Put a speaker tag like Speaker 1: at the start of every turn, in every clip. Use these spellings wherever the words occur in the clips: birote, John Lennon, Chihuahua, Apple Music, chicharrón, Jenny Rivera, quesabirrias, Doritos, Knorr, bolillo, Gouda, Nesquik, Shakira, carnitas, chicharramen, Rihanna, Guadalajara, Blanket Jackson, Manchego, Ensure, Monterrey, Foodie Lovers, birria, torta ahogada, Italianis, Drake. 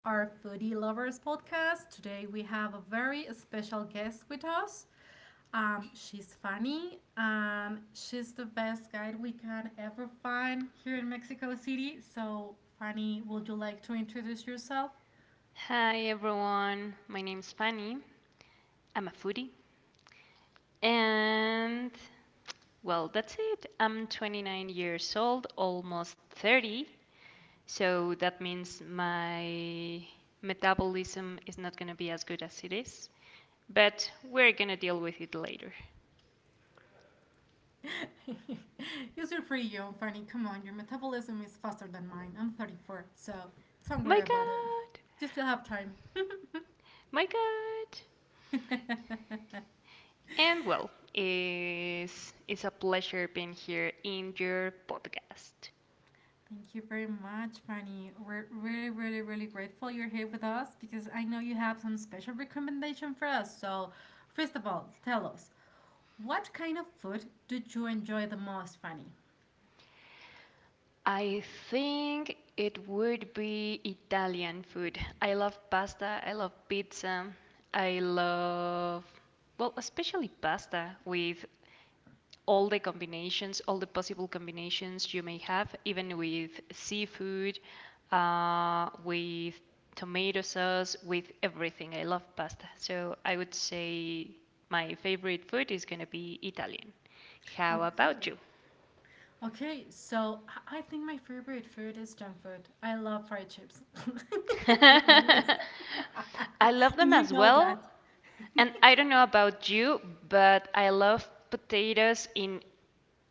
Speaker 1: our Foodie Lovers podcast. Today we have a very special guest with us. She's funny and she's the best guide we can ever find here in Mexico City. So, Fanny, would you like to introduce yourself?
Speaker 2: Hi everyone, my name's Fanny. I'm a foodie. And well, that's it. I'm 29 years old, almost 30. So that means my metabolism is not going to be as good as it is. But we're going to deal with it later.
Speaker 1: You're pretty young, Fanny. Come on, your metabolism is faster than mine. I'm 34, so don't
Speaker 2: My
Speaker 1: worry about it.
Speaker 2: God!
Speaker 1: You still have time.
Speaker 2: My God! And well, it's a pleasure being here in your podcast.
Speaker 1: Thank you very much, Fanny. We're really, really, really grateful you're here with us because I know you have some special recommendation for us. So, first of all, tell us, what kind of food did you enjoy the most, Fanny?
Speaker 2: I think it would be Italian food. I love pasta, I love pizza, I love, well, especially pasta with all the combinations, all the possible combinations you may have, even with seafood, with tomato sauce, with everything. I love pasta. So I would say my favorite food is going to be Italian. How about
Speaker 1: Okay.
Speaker 2: you?
Speaker 1: Okay, so I think my favorite food is junk food. I love fried chips. Being honest.
Speaker 2: I love them
Speaker 1: You
Speaker 2: as
Speaker 1: know that.
Speaker 2: well. And I don't know about you, but I love potatoes in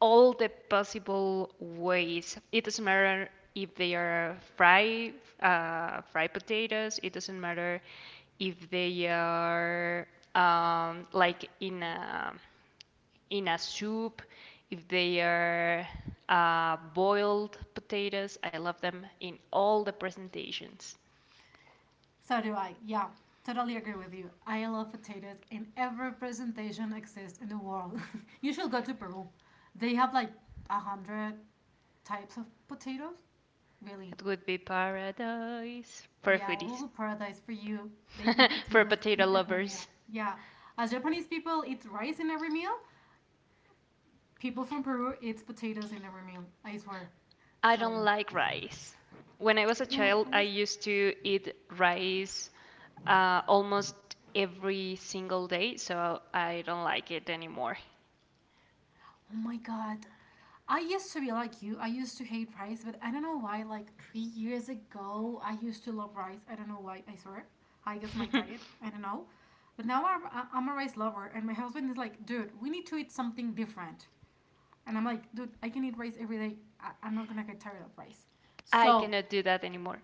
Speaker 2: all the possible ways. It doesn't matter if they are fried, fried potatoes. It doesn't matter if they are like in a soup. If they are boiled potatoes, I love them in all the presentations.
Speaker 1: So do I. Yeah, totally agree with you. I love potatoes in every presentation exists in the world. You should go to Peru. They have like 100 types of potatoes. Really?
Speaker 2: It would be paradise for
Speaker 1: Yeah, it
Speaker 2: foodies,
Speaker 1: will be paradise for you. They eat
Speaker 2: for
Speaker 1: potatoes
Speaker 2: potato
Speaker 1: in every
Speaker 2: lovers.
Speaker 1: meal. Yeah, as Japanese people eat rice in every meal, people from Peru eat potatoes in every meal. I swear.
Speaker 2: I don't
Speaker 1: So
Speaker 2: like rice. When I was a
Speaker 1: you don't like
Speaker 2: child, I
Speaker 1: rice?
Speaker 2: used to eat rice almost every single day, so I don't like it anymore.
Speaker 1: Oh my God. I used to be like you. I used to hate rice, but I don't know why. Like 3 years ago, I used to love rice. I don't know why. I swear. I guess my diet. I don't know. But now I'm a rice lover, and my husband is like, dude, we need to eat something different. And I'm like, dude, I can eat rice every day. I'm not gonna get tired of rice.
Speaker 2: I
Speaker 1: So,
Speaker 2: cannot do that anymore.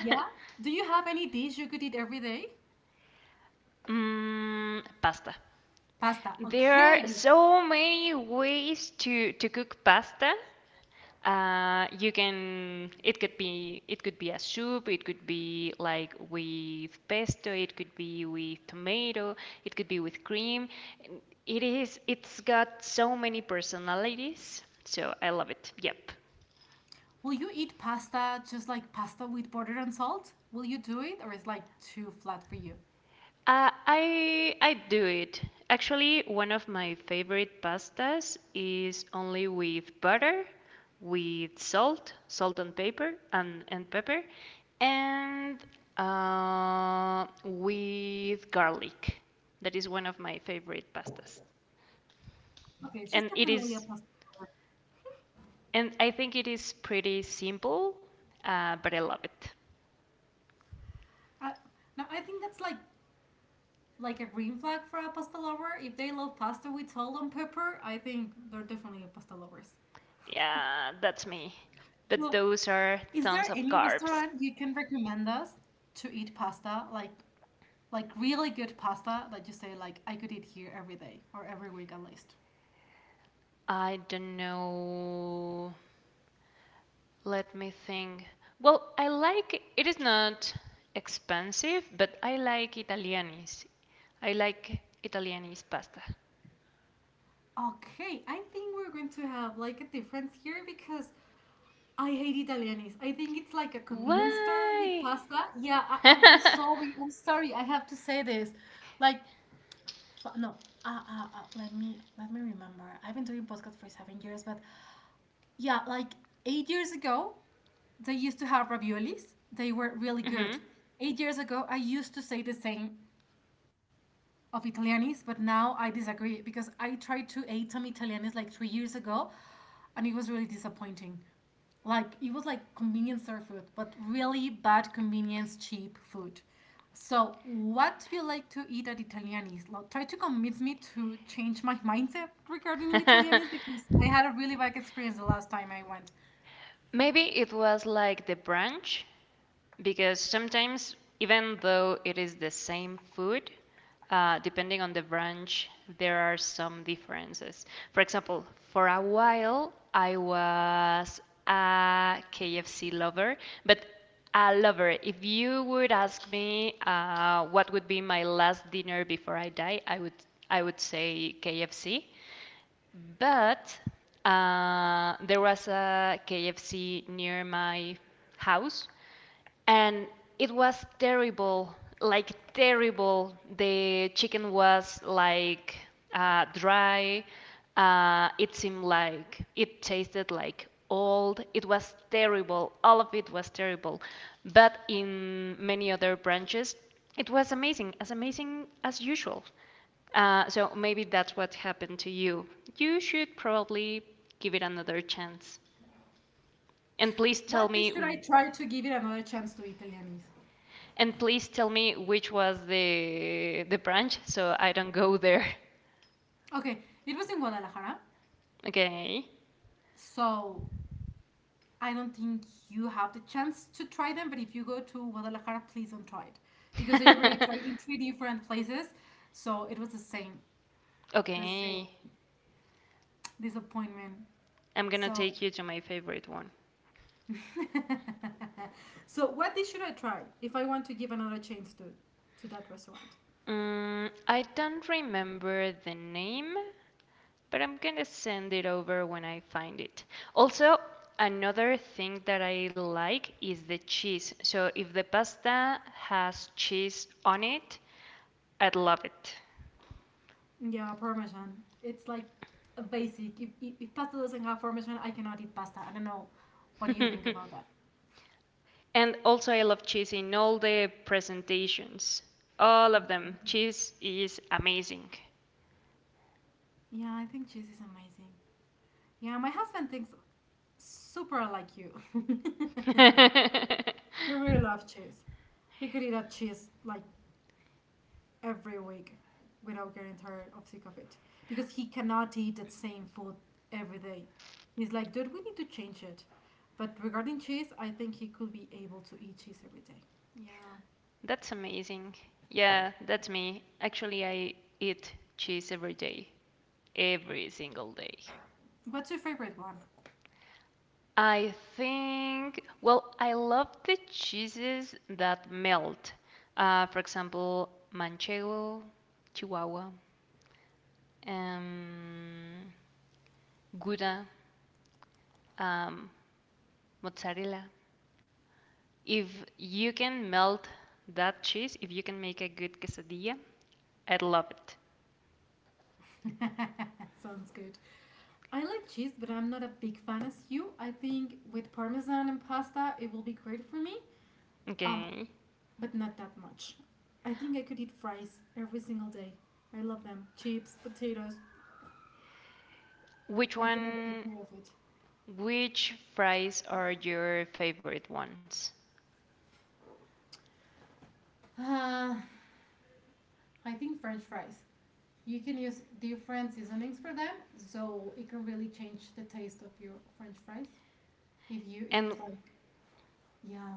Speaker 1: yeah. Do you have any dish you could eat every day?
Speaker 2: pasta.
Speaker 1: Pasta.
Speaker 2: There are
Speaker 1: Okay.
Speaker 2: so many ways to cook pasta. You can it could be a soup, it could be like with pesto, it could be with tomato, it could be with cream. It's got so many personalities, so I love it. Yep.
Speaker 1: Will you eat pasta just like pasta with butter and salt? Will you do it, or is like too flat for you?
Speaker 2: I do it. Actually, one of my favorite pastas is only with butter, with salt and pepper, and pepper, and with garlic. That is one of my favorite pastas,
Speaker 1: Okay, she's
Speaker 2: and it
Speaker 1: definitely a
Speaker 2: is,
Speaker 1: pasta lover.
Speaker 2: and I think it is pretty simple, but I love it.
Speaker 1: Uh, no, I think that's like a green flag for a pasta lover. If they love pasta with salt and pepper, I think they're definitely pasta lovers.
Speaker 2: Yeah, that's me. But
Speaker 1: So,
Speaker 2: those are
Speaker 1: is there
Speaker 2: tons of
Speaker 1: any
Speaker 2: carbs.
Speaker 1: restaurant you can recommend us to eat pasta, like really good pasta that you say like I could eat here every day or every week at least?
Speaker 2: I don't know. Let me think. Well, I like it is not expensive, but I like Italianis. I like Italianis pasta.
Speaker 1: Okay, I think we're going to have like a difference here because I hate Italianis. I think it's like a convenience store with
Speaker 2: Why?
Speaker 1: pasta. Yeah, I'm sorry. I'm sorry. I have to say this. Like, no. Let me remember. I've been doing podcast for 7 years, but yeah, like 8 years ago, they used to have raviolis. They were really
Speaker 2: hmm
Speaker 1: good. 8 years ago, I used to say the same of Italianis, but now I disagree because I tried to eat some Italianis like 3 years ago, and it was really disappointing. Like it was like convenience store food but really bad convenience cheap food. So what do you like to eat at italianis, like, try to convince me to change my mindset regarding italianis because I had a really bad experience the last time I went.
Speaker 2: Maybe it was like the branch, because sometimes even though it is the same food, depending on the branch there are some differences. For example, for a while I was a KFC lover. But a lover, if you would ask me, what would be my last dinner before I die, I would say KFC. But there was a KFC near my house, and it was terrible. Like terrible, the chicken was like dry, it seemed like it tasted like old. It was terrible, all of it was terrible. But in many other branches it was amazing, as amazing as usual. So maybe that's what happened to you. You should probably give it another chance. and please tell
Speaker 1: What dish should I
Speaker 2: me
Speaker 1: try to give it another chance to italianis?
Speaker 2: And please tell me which was the branch, so I don't go there.
Speaker 1: Okay, it was in guadalajara.
Speaker 2: Okay.
Speaker 1: So I don't think you have the chance to try them, but if you go to guadalajara, please don't try it because I already tried in three different places, so it was the same. The same
Speaker 2: Okay.
Speaker 1: disappointment.
Speaker 2: I'm gonna
Speaker 1: So,
Speaker 2: take you to my favorite one.
Speaker 1: so what dish should I try if I want to give another chance to that restaurant?
Speaker 2: I don't remember the name, but I'm gonna send it over when I find it. Also, another thing that I like is the cheese. So if the pasta has cheese on it, I'd love it.
Speaker 1: Yeah, parmesan. It's like a basic. If pasta doesn't have parmesan, I cannot eat pasta. I don't know. What do you think about that?
Speaker 2: And also, I love cheese in all the presentations, all of them. Cheese is amazing.
Speaker 1: Yeah, I think cheese is amazing. Yeah, my husband thinks super like you.
Speaker 2: That's
Speaker 1: He really loves cheese. He could eat a cheese like every week without getting tired of sick of it because he cannot eat that same food every day. He's like, dude, we need to change it. But regarding cheese, I think he could be able to eat cheese every day. Yeah.
Speaker 2: amazing. Yeah, that's me. Actually, I eat cheese every day, every single day.
Speaker 1: What's your favorite one?
Speaker 2: I think, well, I love the cheeses that melt. For example, Manchego, Chihuahua, um, Gouda, um, mozzarella. If you can melt that cheese, if you can make a good quesadilla, I'd love it.
Speaker 1: Sounds good. I like cheese, but I'm not a big fan as you. I think with parmesan and pasta, it will be great for me. Um,
Speaker 2: Okay.
Speaker 1: but not that much. I think I could eat fries every single day. I love them. Chips, potatoes.
Speaker 2: Which
Speaker 1: I can never get
Speaker 2: one,
Speaker 1: tired of it.
Speaker 2: which fries are your favorite ones?
Speaker 1: Uh, I think French fries. You can use different seasonings for them, so it can really change the taste of your French fries if you
Speaker 2: And
Speaker 1: use like, yeah.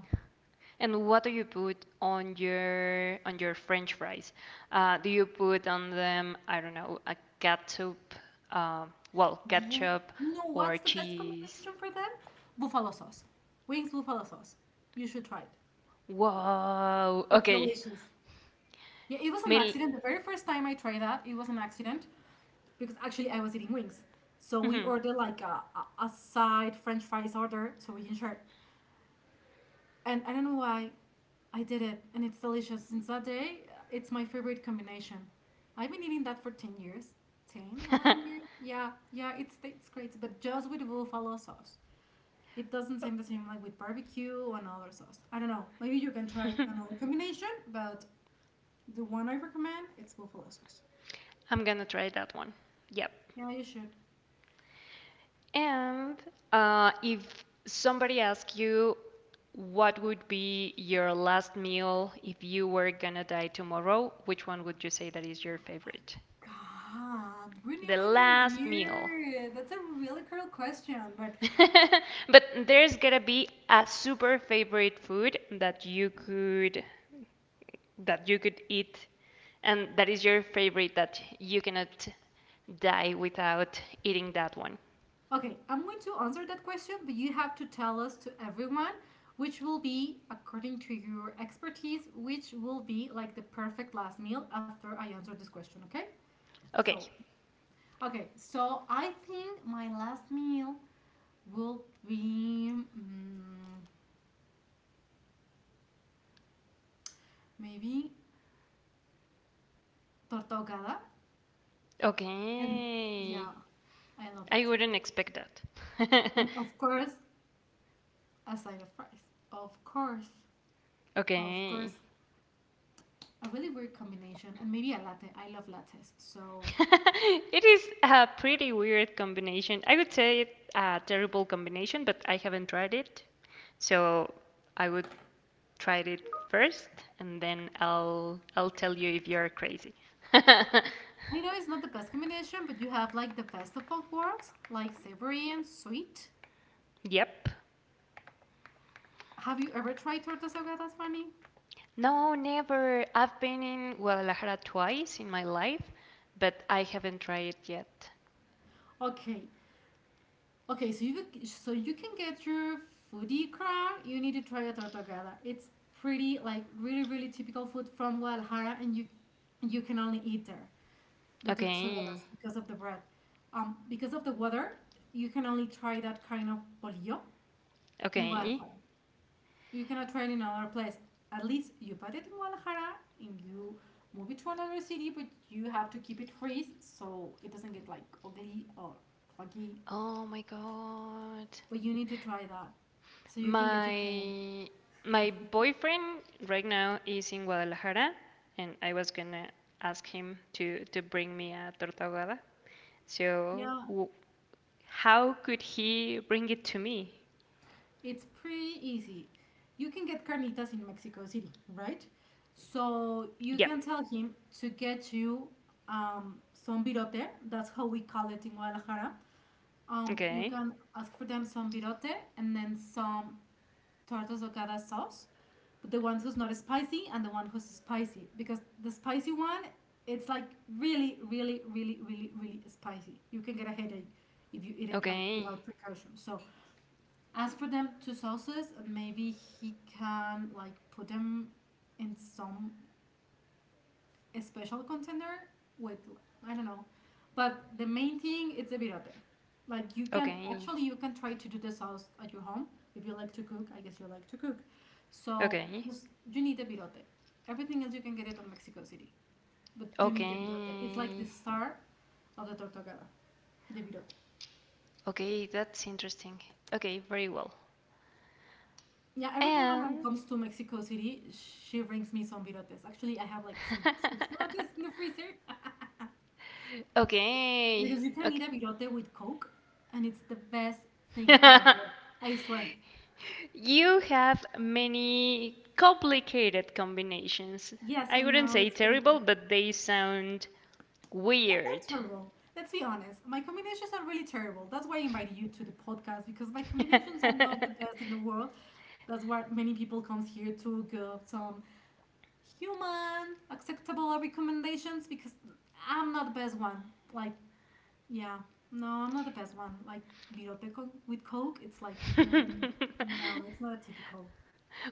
Speaker 2: and what do you put on your French fries? Do you put on them, I don't know, a ketchup, uh, well,
Speaker 1: No,
Speaker 2: ketchup
Speaker 1: no,
Speaker 2: or
Speaker 1: what's the best
Speaker 2: cheese?
Speaker 1: combination for them? Buffalo sauce. Wings buffalo sauce. You should try it.
Speaker 2: Wow.
Speaker 1: It's
Speaker 2: Okay.
Speaker 1: delicious. Yeah, it was an
Speaker 2: Mil-
Speaker 1: accident. The very first time I tried that, it was an accident because actually I was eating wings. So we
Speaker 2: Mhm.
Speaker 1: ordered like a side French fries order so we can share. And I don't know why I did it, and it's delicious. Since that day, it's my favorite combination. I've been eating that for 10 years. Ten, 11 years? Yeah, yeah, it's great, but just with buffalo sauce. It doesn't seem the same like with barbecue or another sauce. I don't know. Maybe you can try another combination, but the one I recommend, it's buffalo sauce.
Speaker 2: I'm gonna try that one. Yep.
Speaker 1: Yeah, you should.
Speaker 2: And if somebody asks you, what would be your last meal if you were gonna die tomorrow? Which one would you say that is your favorite?
Speaker 1: God, we're
Speaker 2: The
Speaker 1: nearly New
Speaker 2: last meal.
Speaker 1: Year. That's a really cruel question, but
Speaker 2: But there's gonna be a super favorite food that you could eat, and that is your favorite, that you cannot die without eating that one.
Speaker 1: okay, I'm going to answer that question, but you have to tell us to everyone which will be, according to your expertise, which will be like the perfect last meal after I answer this question, okay?
Speaker 2: Okay.
Speaker 1: So, okay, so I think my last meal will be maybe torta ahogada. And
Speaker 2: Okay.
Speaker 1: yeah, I love
Speaker 2: I
Speaker 1: it.
Speaker 2: wouldn't expect that.
Speaker 1: And of course, a side of fries. Of course,
Speaker 2: Okay.
Speaker 1: a really weird combination. And maybe a latte. I love lattes. So
Speaker 2: It is a pretty weird combination. I would say it's a terrible combination, but I haven't tried it. So I would try it first, and then I'll tell you if you're crazy.
Speaker 1: I know it's not the best combination, but you have like the best of both worlds, like savory and sweet.
Speaker 2: Yep.
Speaker 1: Have you ever tried tortas ahogadas, Fanny?
Speaker 2: No, never. I've been in Guadalajara twice in my life, but I haven't tried it yet.
Speaker 1: Okay, okay, so you can get your foodie crown. You need to try a torta ahogada. It's pretty like really really typical food from Guadalajara, and you can only eat there the tortas ahogadas
Speaker 2: Okay.
Speaker 1: because of the bread. Because of the weather, you can only try that kind of bolillo in
Speaker 2: Okay.
Speaker 1: Guadalajara. You cannot trade in another place. At least you bought it in Guadalajara and you move it to another city, but you have to keep it freeze so it doesn't get like ugly or clunky.
Speaker 2: Oh my God.
Speaker 1: But you need to try that so you can get your carne.
Speaker 2: My my boyfriend right now is in Guadalajara, and I was gonna ask him to bring me a torta ahogada. So
Speaker 1: Yeah,
Speaker 2: w how could he bring it to me?
Speaker 1: it's pretty easy. You can get carnitas in Mexico City, right? So you
Speaker 2: Yep.
Speaker 1: can tell him to get you some birote. That's how we call it in Guadalajara. You
Speaker 2: Okay.
Speaker 1: can ask for them some birote and then some tortas locada sauce, but the one who's not spicy and the one who's spicy because the spicy one it's like really, really, really, really, really spicy. You can get a headache if you eat it like
Speaker 2: Okay.
Speaker 1: without precaution. So ask for them two sauces and maybe he can like put them in some a special contender with I don't know, but the main thing it's the virote. Like you can
Speaker 2: Okay.
Speaker 1: actually you can try to do the sauce at your home if you like to cook. I guess you like to cook, so
Speaker 2: Okay.
Speaker 1: just you need the virote. Everything else you can get it at Mexico City, but you need the virote. It's like the
Speaker 2: Okay.
Speaker 1: star of the tortogada, the virote.
Speaker 2: Okay, that's interesting. Okay, very well.
Speaker 1: Yeah, every time my mom
Speaker 2: And
Speaker 1: comes to Mexico City, she brings me some virotes. Actually, I have like six virotes in the freezer.
Speaker 2: okay.
Speaker 1: Because you can eat a virote with Coke, and it's the best thing in
Speaker 2: Okay.
Speaker 1: the world. I swear.
Speaker 2: You have many complicated combinations.
Speaker 1: Yes,
Speaker 2: I
Speaker 1: I
Speaker 2: wouldn't
Speaker 1: know,
Speaker 2: say
Speaker 1: it's pretty
Speaker 2: terrible,
Speaker 1: weird.
Speaker 2: but they sound
Speaker 1: Yeah, they're
Speaker 2: weird.
Speaker 1: terrible. Let's be honest. My combinations are really terrible. That's why I invited you to the podcast, because my combinations are not the best in the world. That's why many people comes here to give some human, acceptable recommendations, because I'm not the best one. Like, yeah, no, I'm not the best one. Like, virote con- with Coke, it's like, mm, no, it's not a typical.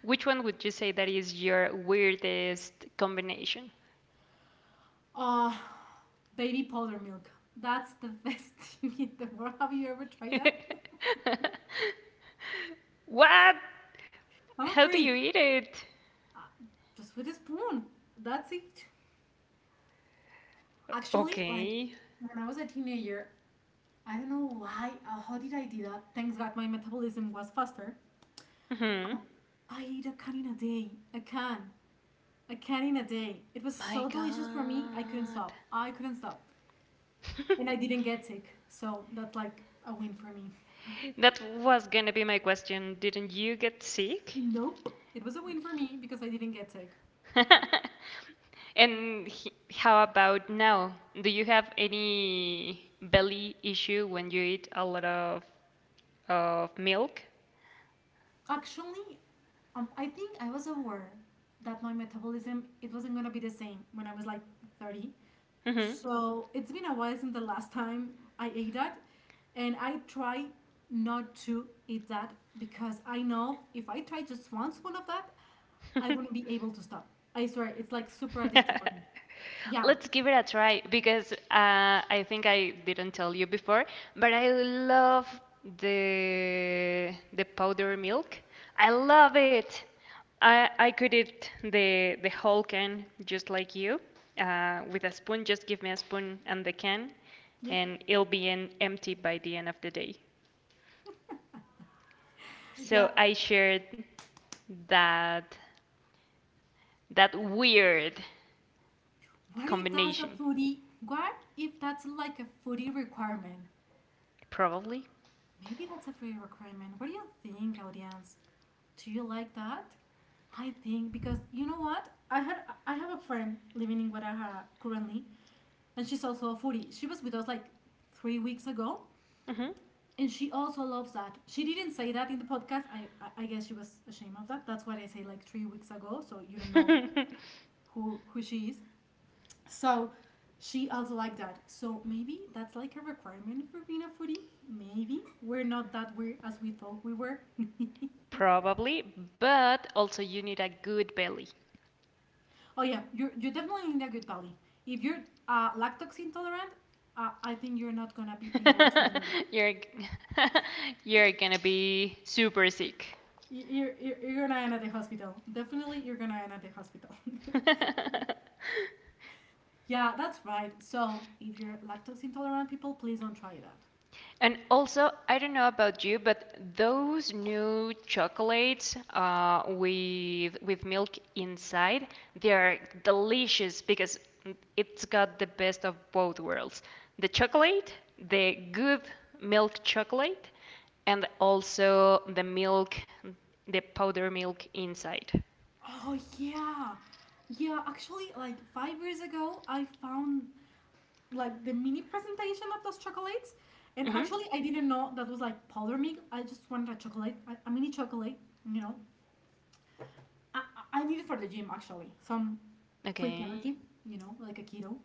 Speaker 2: Which one would you say that is your weirdest combination?
Speaker 1: Uh, Baby powder milk. That's the best thing in the world. Have you ever tried that?
Speaker 2: What?
Speaker 1: I'm a
Speaker 2: How do you
Speaker 1: freak.
Speaker 2: eat it?
Speaker 1: Just with a spoon. That's it. Actually, like
Speaker 2: Okay.
Speaker 1: when I was a teenager, I don't know why, how did I do that? Thanks God my metabolism was faster.
Speaker 2: hmm
Speaker 1: I ate a can in a day. A can. A can in a day. It was
Speaker 2: My
Speaker 1: so delicious for me, I couldn't
Speaker 2: God.
Speaker 1: stop. I couldn't stop. And I didn't get sick. So that's like a win for me.
Speaker 2: That was gonna be my question. Didn't you get sick?
Speaker 1: Nope. It was a win for me because I didn't get sick.
Speaker 2: And he, how about now? Do you have any belly issue when you eat a lot of milk?
Speaker 1: Actually, I think I was aware that my metabolism it wasn't gonna be the same when I was like 30.
Speaker 2: hmm
Speaker 1: So it's been a while since the last time I ate that, and I try not to eat that because I know if I try just once one of that, I wouldn't be able to stop. I swear, it's like super addictive for me. Yeah,
Speaker 2: Let's give it a try, because I think I didn't tell you before, but I love the powder milk. I love it. I could eat the whole can, just like you, with a spoon. Just give me a spoon and the can,
Speaker 1: yeah,
Speaker 2: and it'll be an empty by the end of the day.
Speaker 1: yeah.
Speaker 2: So I shared that that weird
Speaker 1: What if that's a
Speaker 2: combination,
Speaker 1: foodie? What if that's like a foodie requirement?
Speaker 2: probably.
Speaker 1: Maybe that's a free requirement. What do you think, audience? Do you like that? I think because you know what? I have a friend living in Guadalajara currently, and she's also a foodie. She was with us like 3 weeks ago, and she also loves that. She didn't say that in the podcast. I guess she was ashamed of that. That's what I say like 3 weeks ago, so you don't know
Speaker 2: hmm
Speaker 1: who she is. So she also liked that. So maybe that's like a requirement for being a foodie. Maybe we're not that weird as we thought we were.
Speaker 2: Probably, but also you need a good belly.
Speaker 1: Oh yeah, you're definitely in a good belly. If you're lactose intolerant, I think you're not gonna be able to do it.
Speaker 2: You're you're gonna be super sick.
Speaker 1: You're gonna end at the hospital. Definitely, you're gonna end at the hospital. Yeah, that's right. So if you're lactose intolerant, people, please don't try that.
Speaker 2: And also, I don't know about you, but those new chocolates with milk inside, they are delicious because it's got the best of both worlds. The chocolate, the good milk chocolate, and also the milk, the powder milk inside.
Speaker 1: Oh yeah, yeah. Actually, like 5 years ago, I found like the mini presentation of those chocolates, and
Speaker 2: hmm
Speaker 1: actually, I didn't know that was like powder milk. I just wanted a chocolate, a mini chocolate, you know, I, I need it for the gym actually. Some quick
Speaker 2: Okay.
Speaker 1: energy, you know, like a keto.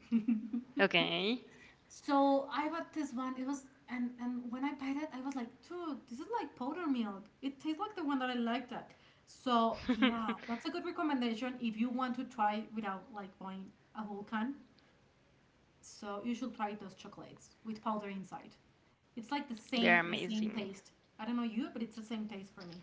Speaker 2: Okay.
Speaker 1: So I bought this one. It was and when I bought it, I was like, dude, this is like powder milk. It tastes like the one that I liked at. So yeah, that's a good recommendation if you want to try without like buying a whole can. So you should try those chocolates with powder inside. It's like the
Speaker 2: They're
Speaker 1: same the same
Speaker 2: amazing.
Speaker 1: taste. I don't know you, but it's the same taste for me.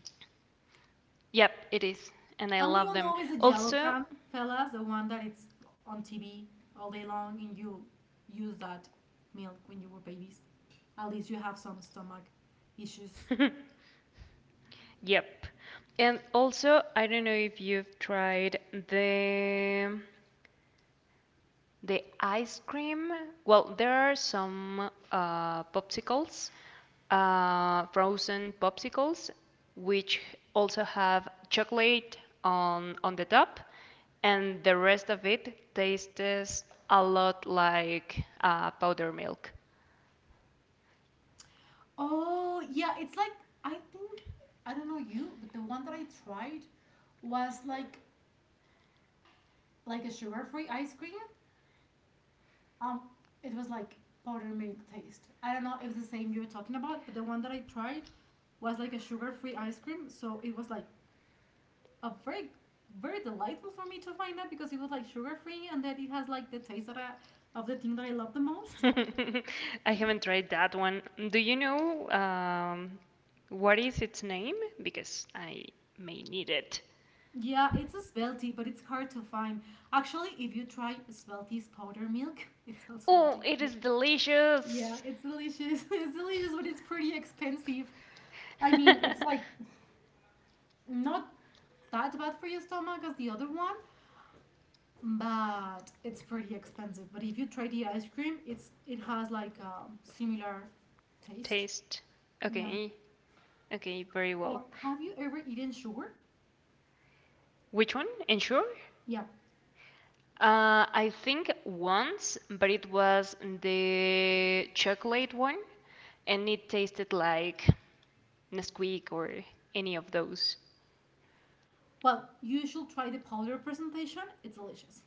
Speaker 2: Yep, it is. And I
Speaker 1: And we
Speaker 2: love
Speaker 1: all
Speaker 2: them.
Speaker 1: know it's the yellow
Speaker 2: Also,
Speaker 1: can, fellas, the one that it's on TV all day long, and you use that milk when you were babies. At least you have some stomach issues.
Speaker 2: Yep. And also, I don't know if you've tried the ice cream. Well, there are some popsicles, frozen popsicles, which also have chocolate on the top, and the rest of it tastes a lot like powder milk.
Speaker 1: Oh, yeah, it's like, I think, I don't know you, but the one that I tried was like a sugar-free ice cream. Um, it was like powdered milk taste. I don't know if the same you're talking about, but the one that I tried was like a sugar-free ice cream, so it was like uh, very very delightful for me to find out because it was like sugar free and that it has like the taste that I, of the thing that I love the most.
Speaker 2: I haven't tried that one. Do you know what is its name? Because I may need it.
Speaker 1: Yeah, it's a spell tea, but it's hard to find. Actually, if you try spell tea's powder milk, it's also
Speaker 2: Oh, it
Speaker 1: addictive.
Speaker 2: is
Speaker 1: Yeah,
Speaker 2: delicious.
Speaker 1: it's delicious. It's delicious, but it's pretty expensive. I mean, it's like not that bad for your stomach as the other one, but it's pretty expensive. But if you try the ice cream, it has like a similar taste.
Speaker 2: Taste.
Speaker 1: Yeah.
Speaker 2: Okay. Okay, very
Speaker 1: Or
Speaker 2: well.
Speaker 1: have you ever eaten sugar?
Speaker 2: Which one? Ensure?
Speaker 1: Yeah.
Speaker 2: I think once, but it was the chocolate one, and it tasted like Nesquik or any of those.
Speaker 1: Well, you should try the powder presentation. It's delicious.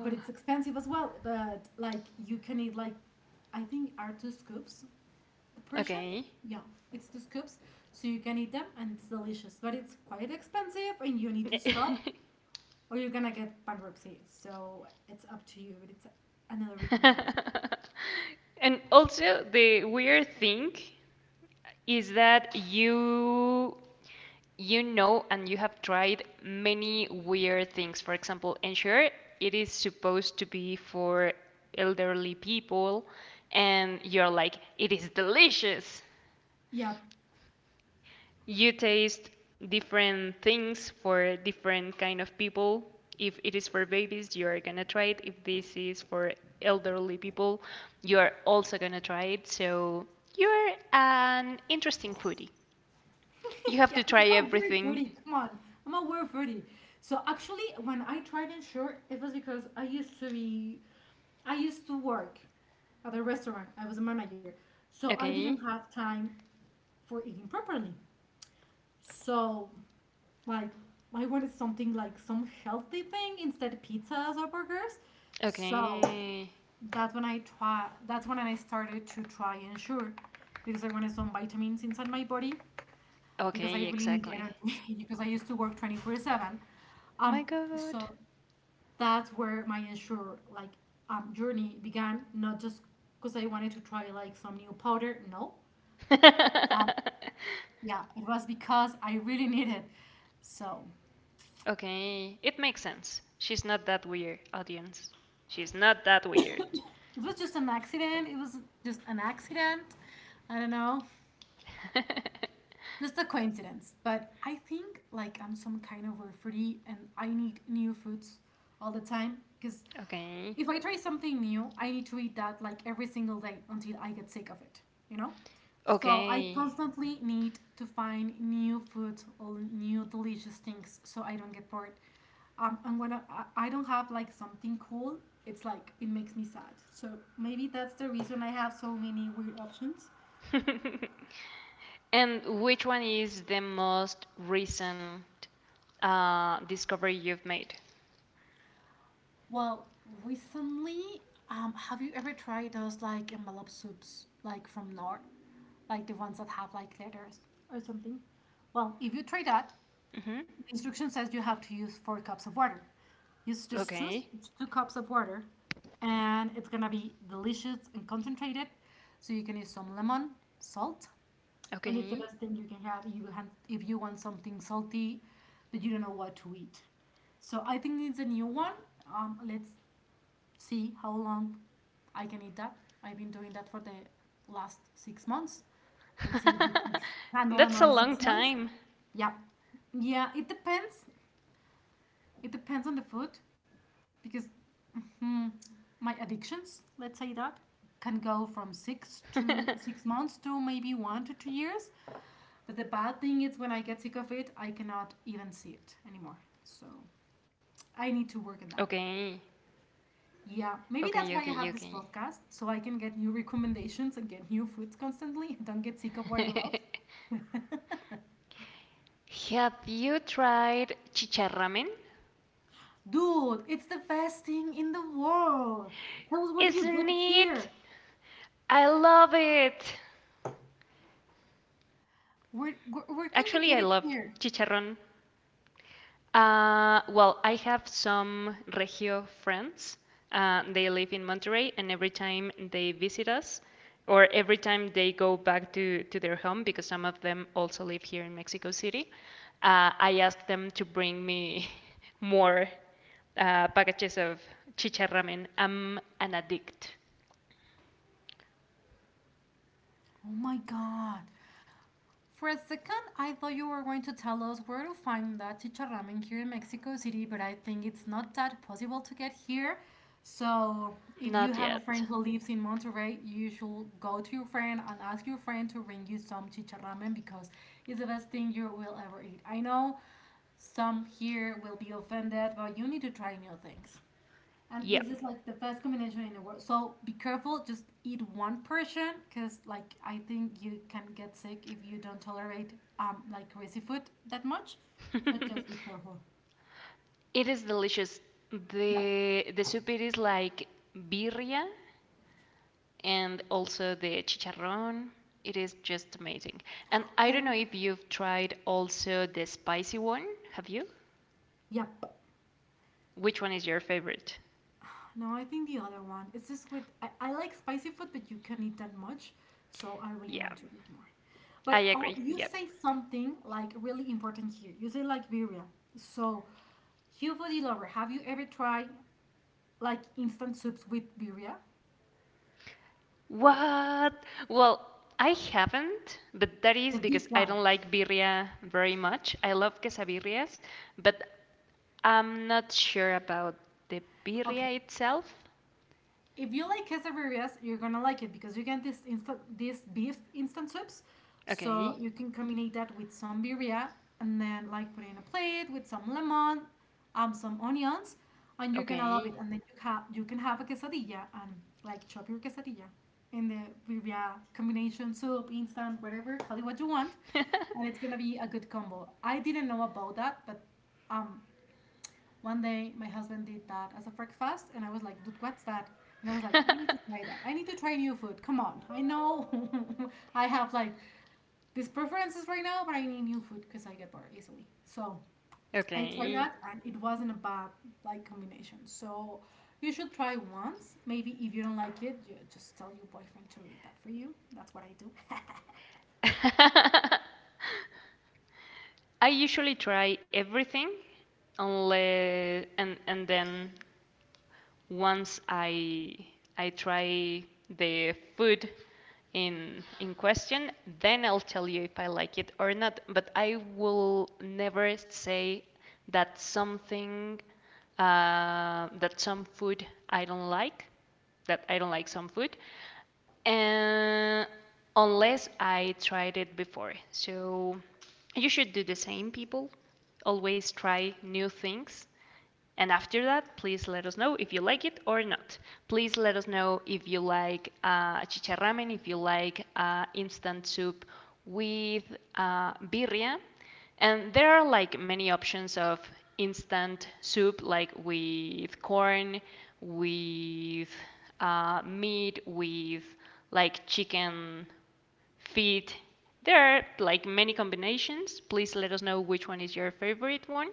Speaker 1: But it's expensive as well. But like you can eat like I think are 2 scoops the portion.
Speaker 2: Okay.
Speaker 1: Yeah, it's 2 scoops. So you can eat them and it's delicious. But it's quite expensive and you need to stop or you're gonna get bankruptcy. So it's up to you, but it's another recommendation.
Speaker 2: And also the weird thing is that you know and you have tried many weird things. For example, ensure, it is supposed to be for elderly people and you're like, it is delicious.
Speaker 1: Yeah,
Speaker 2: You taste different things for different kind of people. If it is for babies, you are gonna try it. If this is for elderly people, you are also gonna try it. So you're an interesting foodie. You have
Speaker 1: yeah,
Speaker 2: to
Speaker 1: I'm
Speaker 2: try
Speaker 1: not very
Speaker 2: everything.
Speaker 1: hoodie. Come on, I'm not very hoodie. So actually, when I tried in shirt, it was because I used to work at a restaurant. I was a manager, so I didn't
Speaker 2: Okay.
Speaker 1: have time for eating properly. So like, I wanted something like some healthy thing instead of pizzas or burgers. So
Speaker 2: Okay.
Speaker 1: That's when I started to try and sure, because I wanted some vitamins inside my body because I
Speaker 2: Okay,
Speaker 1: really need
Speaker 2: exactly.
Speaker 1: energy because I used to work 24/7.
Speaker 2: My
Speaker 1: Um,
Speaker 2: God.
Speaker 1: so that's where my ensure like journey began. Not just because I wanted to try like some new powder. No. Um, yeah, it was because I really needed. So
Speaker 2: Okay, it makes sense. She's not that weird, audience. She's not that weird.
Speaker 1: it was just an accident. It was just an accident. I don't know. Just a coincidence. But I think like I'm some kind of a foodie and I need new foods all the time because
Speaker 2: Okay.
Speaker 1: if I try something new, I need to eat that like every single day until I get sick of it, you know? So I
Speaker 2: Okay.
Speaker 1: constantly need to find new food or new delicious things so I don't get bored. And when I don't have like something cool, it's like it makes me sad. So maybe that's the reason I have so many weird options.
Speaker 2: And which one is the most recent discovery you've made?
Speaker 1: Well, recently, have you ever tried those like envelope soups, like from Knorr, like the ones that have like letters or something? Well, if you try that,
Speaker 2: hmm
Speaker 1: the instruction says you have to use 4 cups of water. Use just two,
Speaker 2: Okay,
Speaker 1: two cups of water, and it's gonna be delicious and concentrated. So you can use some lemon, salt, and it's the
Speaker 2: okay.
Speaker 1: best thing you can have if if you want something salty but you don't know what to eat. So I think it's a new one. Let's see how long I can eat that. I've been doing that for the last 6 months. Let's see if we can handle
Speaker 2: That's a
Speaker 1: another six
Speaker 2: long
Speaker 1: months.
Speaker 2: time.
Speaker 1: Yeah. Yeah, it depends on the food because my addictions, let's say that, can go from 6 to 6 months to maybe 1 to 2 years. But the bad thing is when I get sick of it, I cannot even see it anymore. So I need to work on that.
Speaker 2: Okay,
Speaker 1: Yeah, maybe
Speaker 2: okay,
Speaker 1: that's why
Speaker 2: okay,
Speaker 1: I have this
Speaker 2: okay.
Speaker 1: podcast so I can get new recommendations and get new foods constantly don't get sick of what I love.
Speaker 2: Have you tried chicharramen?
Speaker 1: Dude, it's the best thing in the world. Tell us where do you get
Speaker 2: Isn't
Speaker 1: it
Speaker 2: it?
Speaker 1: here?
Speaker 2: I love it.
Speaker 1: Where
Speaker 2: Actually,
Speaker 1: can
Speaker 2: I
Speaker 1: you get
Speaker 2: love
Speaker 1: it here?
Speaker 2: chicharrón. Well, I have some Regio friends. They live in Monterrey, and every time they visit us, or every time they go back to their home, because some of them also live here in Mexico City, I ask them to bring me more packages of chicharramen. I'm an addict.
Speaker 1: Oh my god. For a second, I thought you were going to tell us where to find that chicharramen here in Mexico City, but I think it's not that possible to get here. So,
Speaker 2: Not
Speaker 1: if you
Speaker 2: yet.
Speaker 1: have a friend who lives in Monterrey, you should go to your friend and ask your friend to bring you some chicharramen because it's the best thing you will ever eat. I know some here will be offended, but you need to try new things. And
Speaker 2: Yep.
Speaker 1: this is like the best combination in the world. So be careful, just eat one portion because like I think you can get sick if you don't tolerate like greasy food that much. So just be careful.
Speaker 2: It is delicious.
Speaker 1: Yep.
Speaker 2: The soup it is like birria, and also the chicharrón. It is just amazing. And I don't
Speaker 1: Oh.
Speaker 2: know if you've tried also the spicy one. Have you?
Speaker 1: Yep.
Speaker 2: Which one is your favorite?
Speaker 1: No, I think the other one. It's just with I like spicy food, but you can't eat that much. So I really
Speaker 2: Yeah,
Speaker 1: want to eat more.
Speaker 2: I
Speaker 1: But oh,
Speaker 2: agree.
Speaker 1: you
Speaker 2: Yep.
Speaker 1: say something like really important here. You say like birria. So you foodie lover, have you ever tried like instant soups with birria?
Speaker 2: What? Well, I haven't, but that
Speaker 1: The
Speaker 2: is
Speaker 1: beef
Speaker 2: because I
Speaker 1: one.
Speaker 2: don't like birria very much. I love quesabirrias, but I'm not sure about the
Speaker 1: Okay.
Speaker 2: birria itself.
Speaker 1: If you like quesadillas, you're gonna like it because you get this beef instant soups. So
Speaker 2: Okay,
Speaker 1: you can combine that with some birria and then like put it in a plate with some lemon, some onions, and you're gonna love
Speaker 2: okay,
Speaker 1: it. And then you can have a quesadilla and like chop your quesadilla in the birria combination soup, instant, whatever, call it what you want, and it's gonna be a good combo. I didn't know about that, but um, one day, my husband did that as a breakfast, and I was like, dude, what's that? And I was like, I need to try that. I need to try new food. Come on. I know I have like these preferences right now, but I need new food because I get bored easily. So I tried
Speaker 2: okay.
Speaker 1: that, and it wasn't a bad like combination. So you should try once. Maybe if you don't like it, you just tell your boyfriend to eat that for you. That's what I do.
Speaker 2: I usually try everything, unless and and then once I try the food in question, then I'll tell you if I like it or not. But I will never say that something uh, that some food I don't like, that I don't like some food, uh, unless I tried it before. So you should do the same, people. Always try new things, and after that, please let us know if you like it or not. Please let us know if you like chicharramen, if you like instant soup with birria. And there are like many options of instant soup, like with corn, with meat, with like chicken feet. There are like many combinations. Please let us know which one is your favorite one.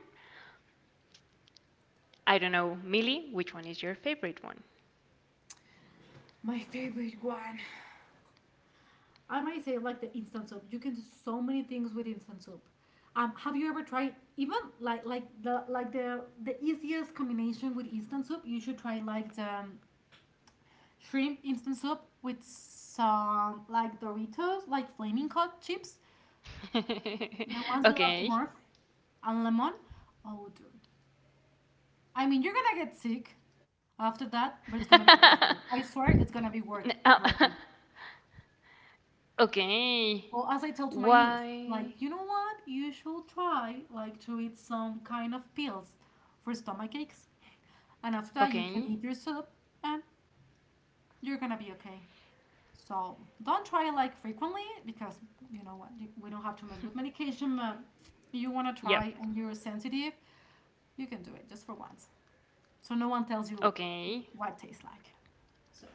Speaker 2: I don't know, Millie, which one is your favorite one?
Speaker 1: My favorite one. I might say like the instant soup. You can do so many things with instant soup. Have you ever tried even like the easiest combination with instant soup? You should try like the shrimp instant soup with some like Doritos, like flaming hot chips, the ones you love the most,
Speaker 2: Okay.
Speaker 1: and lemon. Oh, dude! I mean, you're gonna get sick after that, but it's gonna be worth it. I swear, it's gonna be work worth
Speaker 2: Uh,
Speaker 1: it.
Speaker 2: okay.
Speaker 1: Well, as I tell to my niece, like,
Speaker 2: Why?
Speaker 1: you know what? You should try like to eat some kind of pills for stomach aches, and after that you can eat your
Speaker 2: Okay.
Speaker 1: soup and you're gonna be okay. So don't try like frequently because you know what? We don't have to mess with medication, but you wanna try
Speaker 2: Yep.
Speaker 1: and you're sensitive, you can do it just for once. So no one tells you
Speaker 2: Okay.
Speaker 1: what it tastes like. So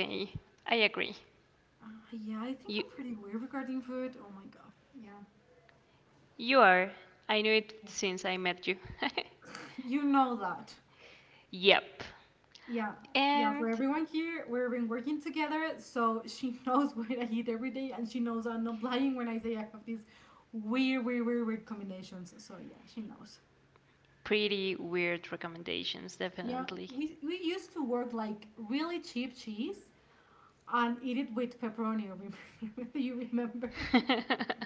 Speaker 2: Okay. I agree.
Speaker 1: uh, yeah, I think I'm
Speaker 2: You
Speaker 1: pretty weird regarding food. Oh my God. Yeah.
Speaker 2: you are. I knew it since I met you.
Speaker 1: You know that.
Speaker 2: Yep.
Speaker 1: Yeah, yeah, for
Speaker 2: And
Speaker 1: everyone here, we've been working together, so she knows what I eat every day, and she knows I'm not lying when I say I have these weird, weird, weird, weird combinations. So yeah, she knows.
Speaker 2: pretty weird recommendations,
Speaker 1: Yeah,
Speaker 2: definitely.
Speaker 1: we used to work like really cheap cheese and eat it with pepperoni. Remember? Do you remember?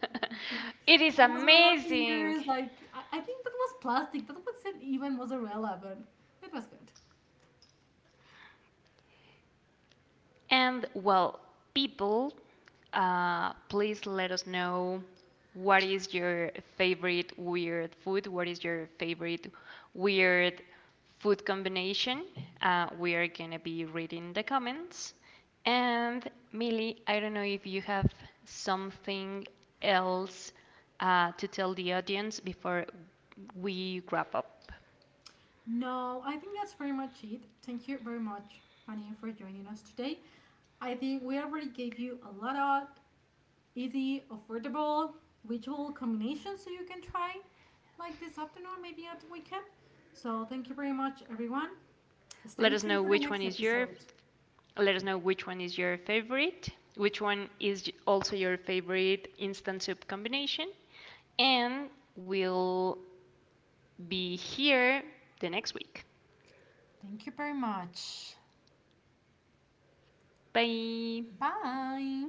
Speaker 1: Like
Speaker 2: It is
Speaker 1: mozzarella
Speaker 2: amazing.
Speaker 1: fingers, like I think that was plastic. That wasn't even mozzarella, but it was good.
Speaker 2: And well, people, please let us know, what is your favorite weird food? What is your favorite weird food combination? We are gonna be reading the comments. And Millie, I don't know if you have something else to tell the audience before we wrap up.
Speaker 1: No, I think that's pretty much it. Thank you very much, Fanny, for joining us today. I think we already gave you a lot of easy, affordable, ritual combinations so you can try, like this afternoon, maybe at the weekend. So, thank you very much, everyone.
Speaker 2: Let
Speaker 1: Stay
Speaker 2: us know
Speaker 1: tuned for the
Speaker 2: which one
Speaker 1: next
Speaker 2: is your
Speaker 1: episode.
Speaker 2: Let us know which one is your favorite, which one is also your favorite instant soup combination, and we'll be here the next week.
Speaker 1: Thank you very much.
Speaker 2: Bye.
Speaker 1: Bye.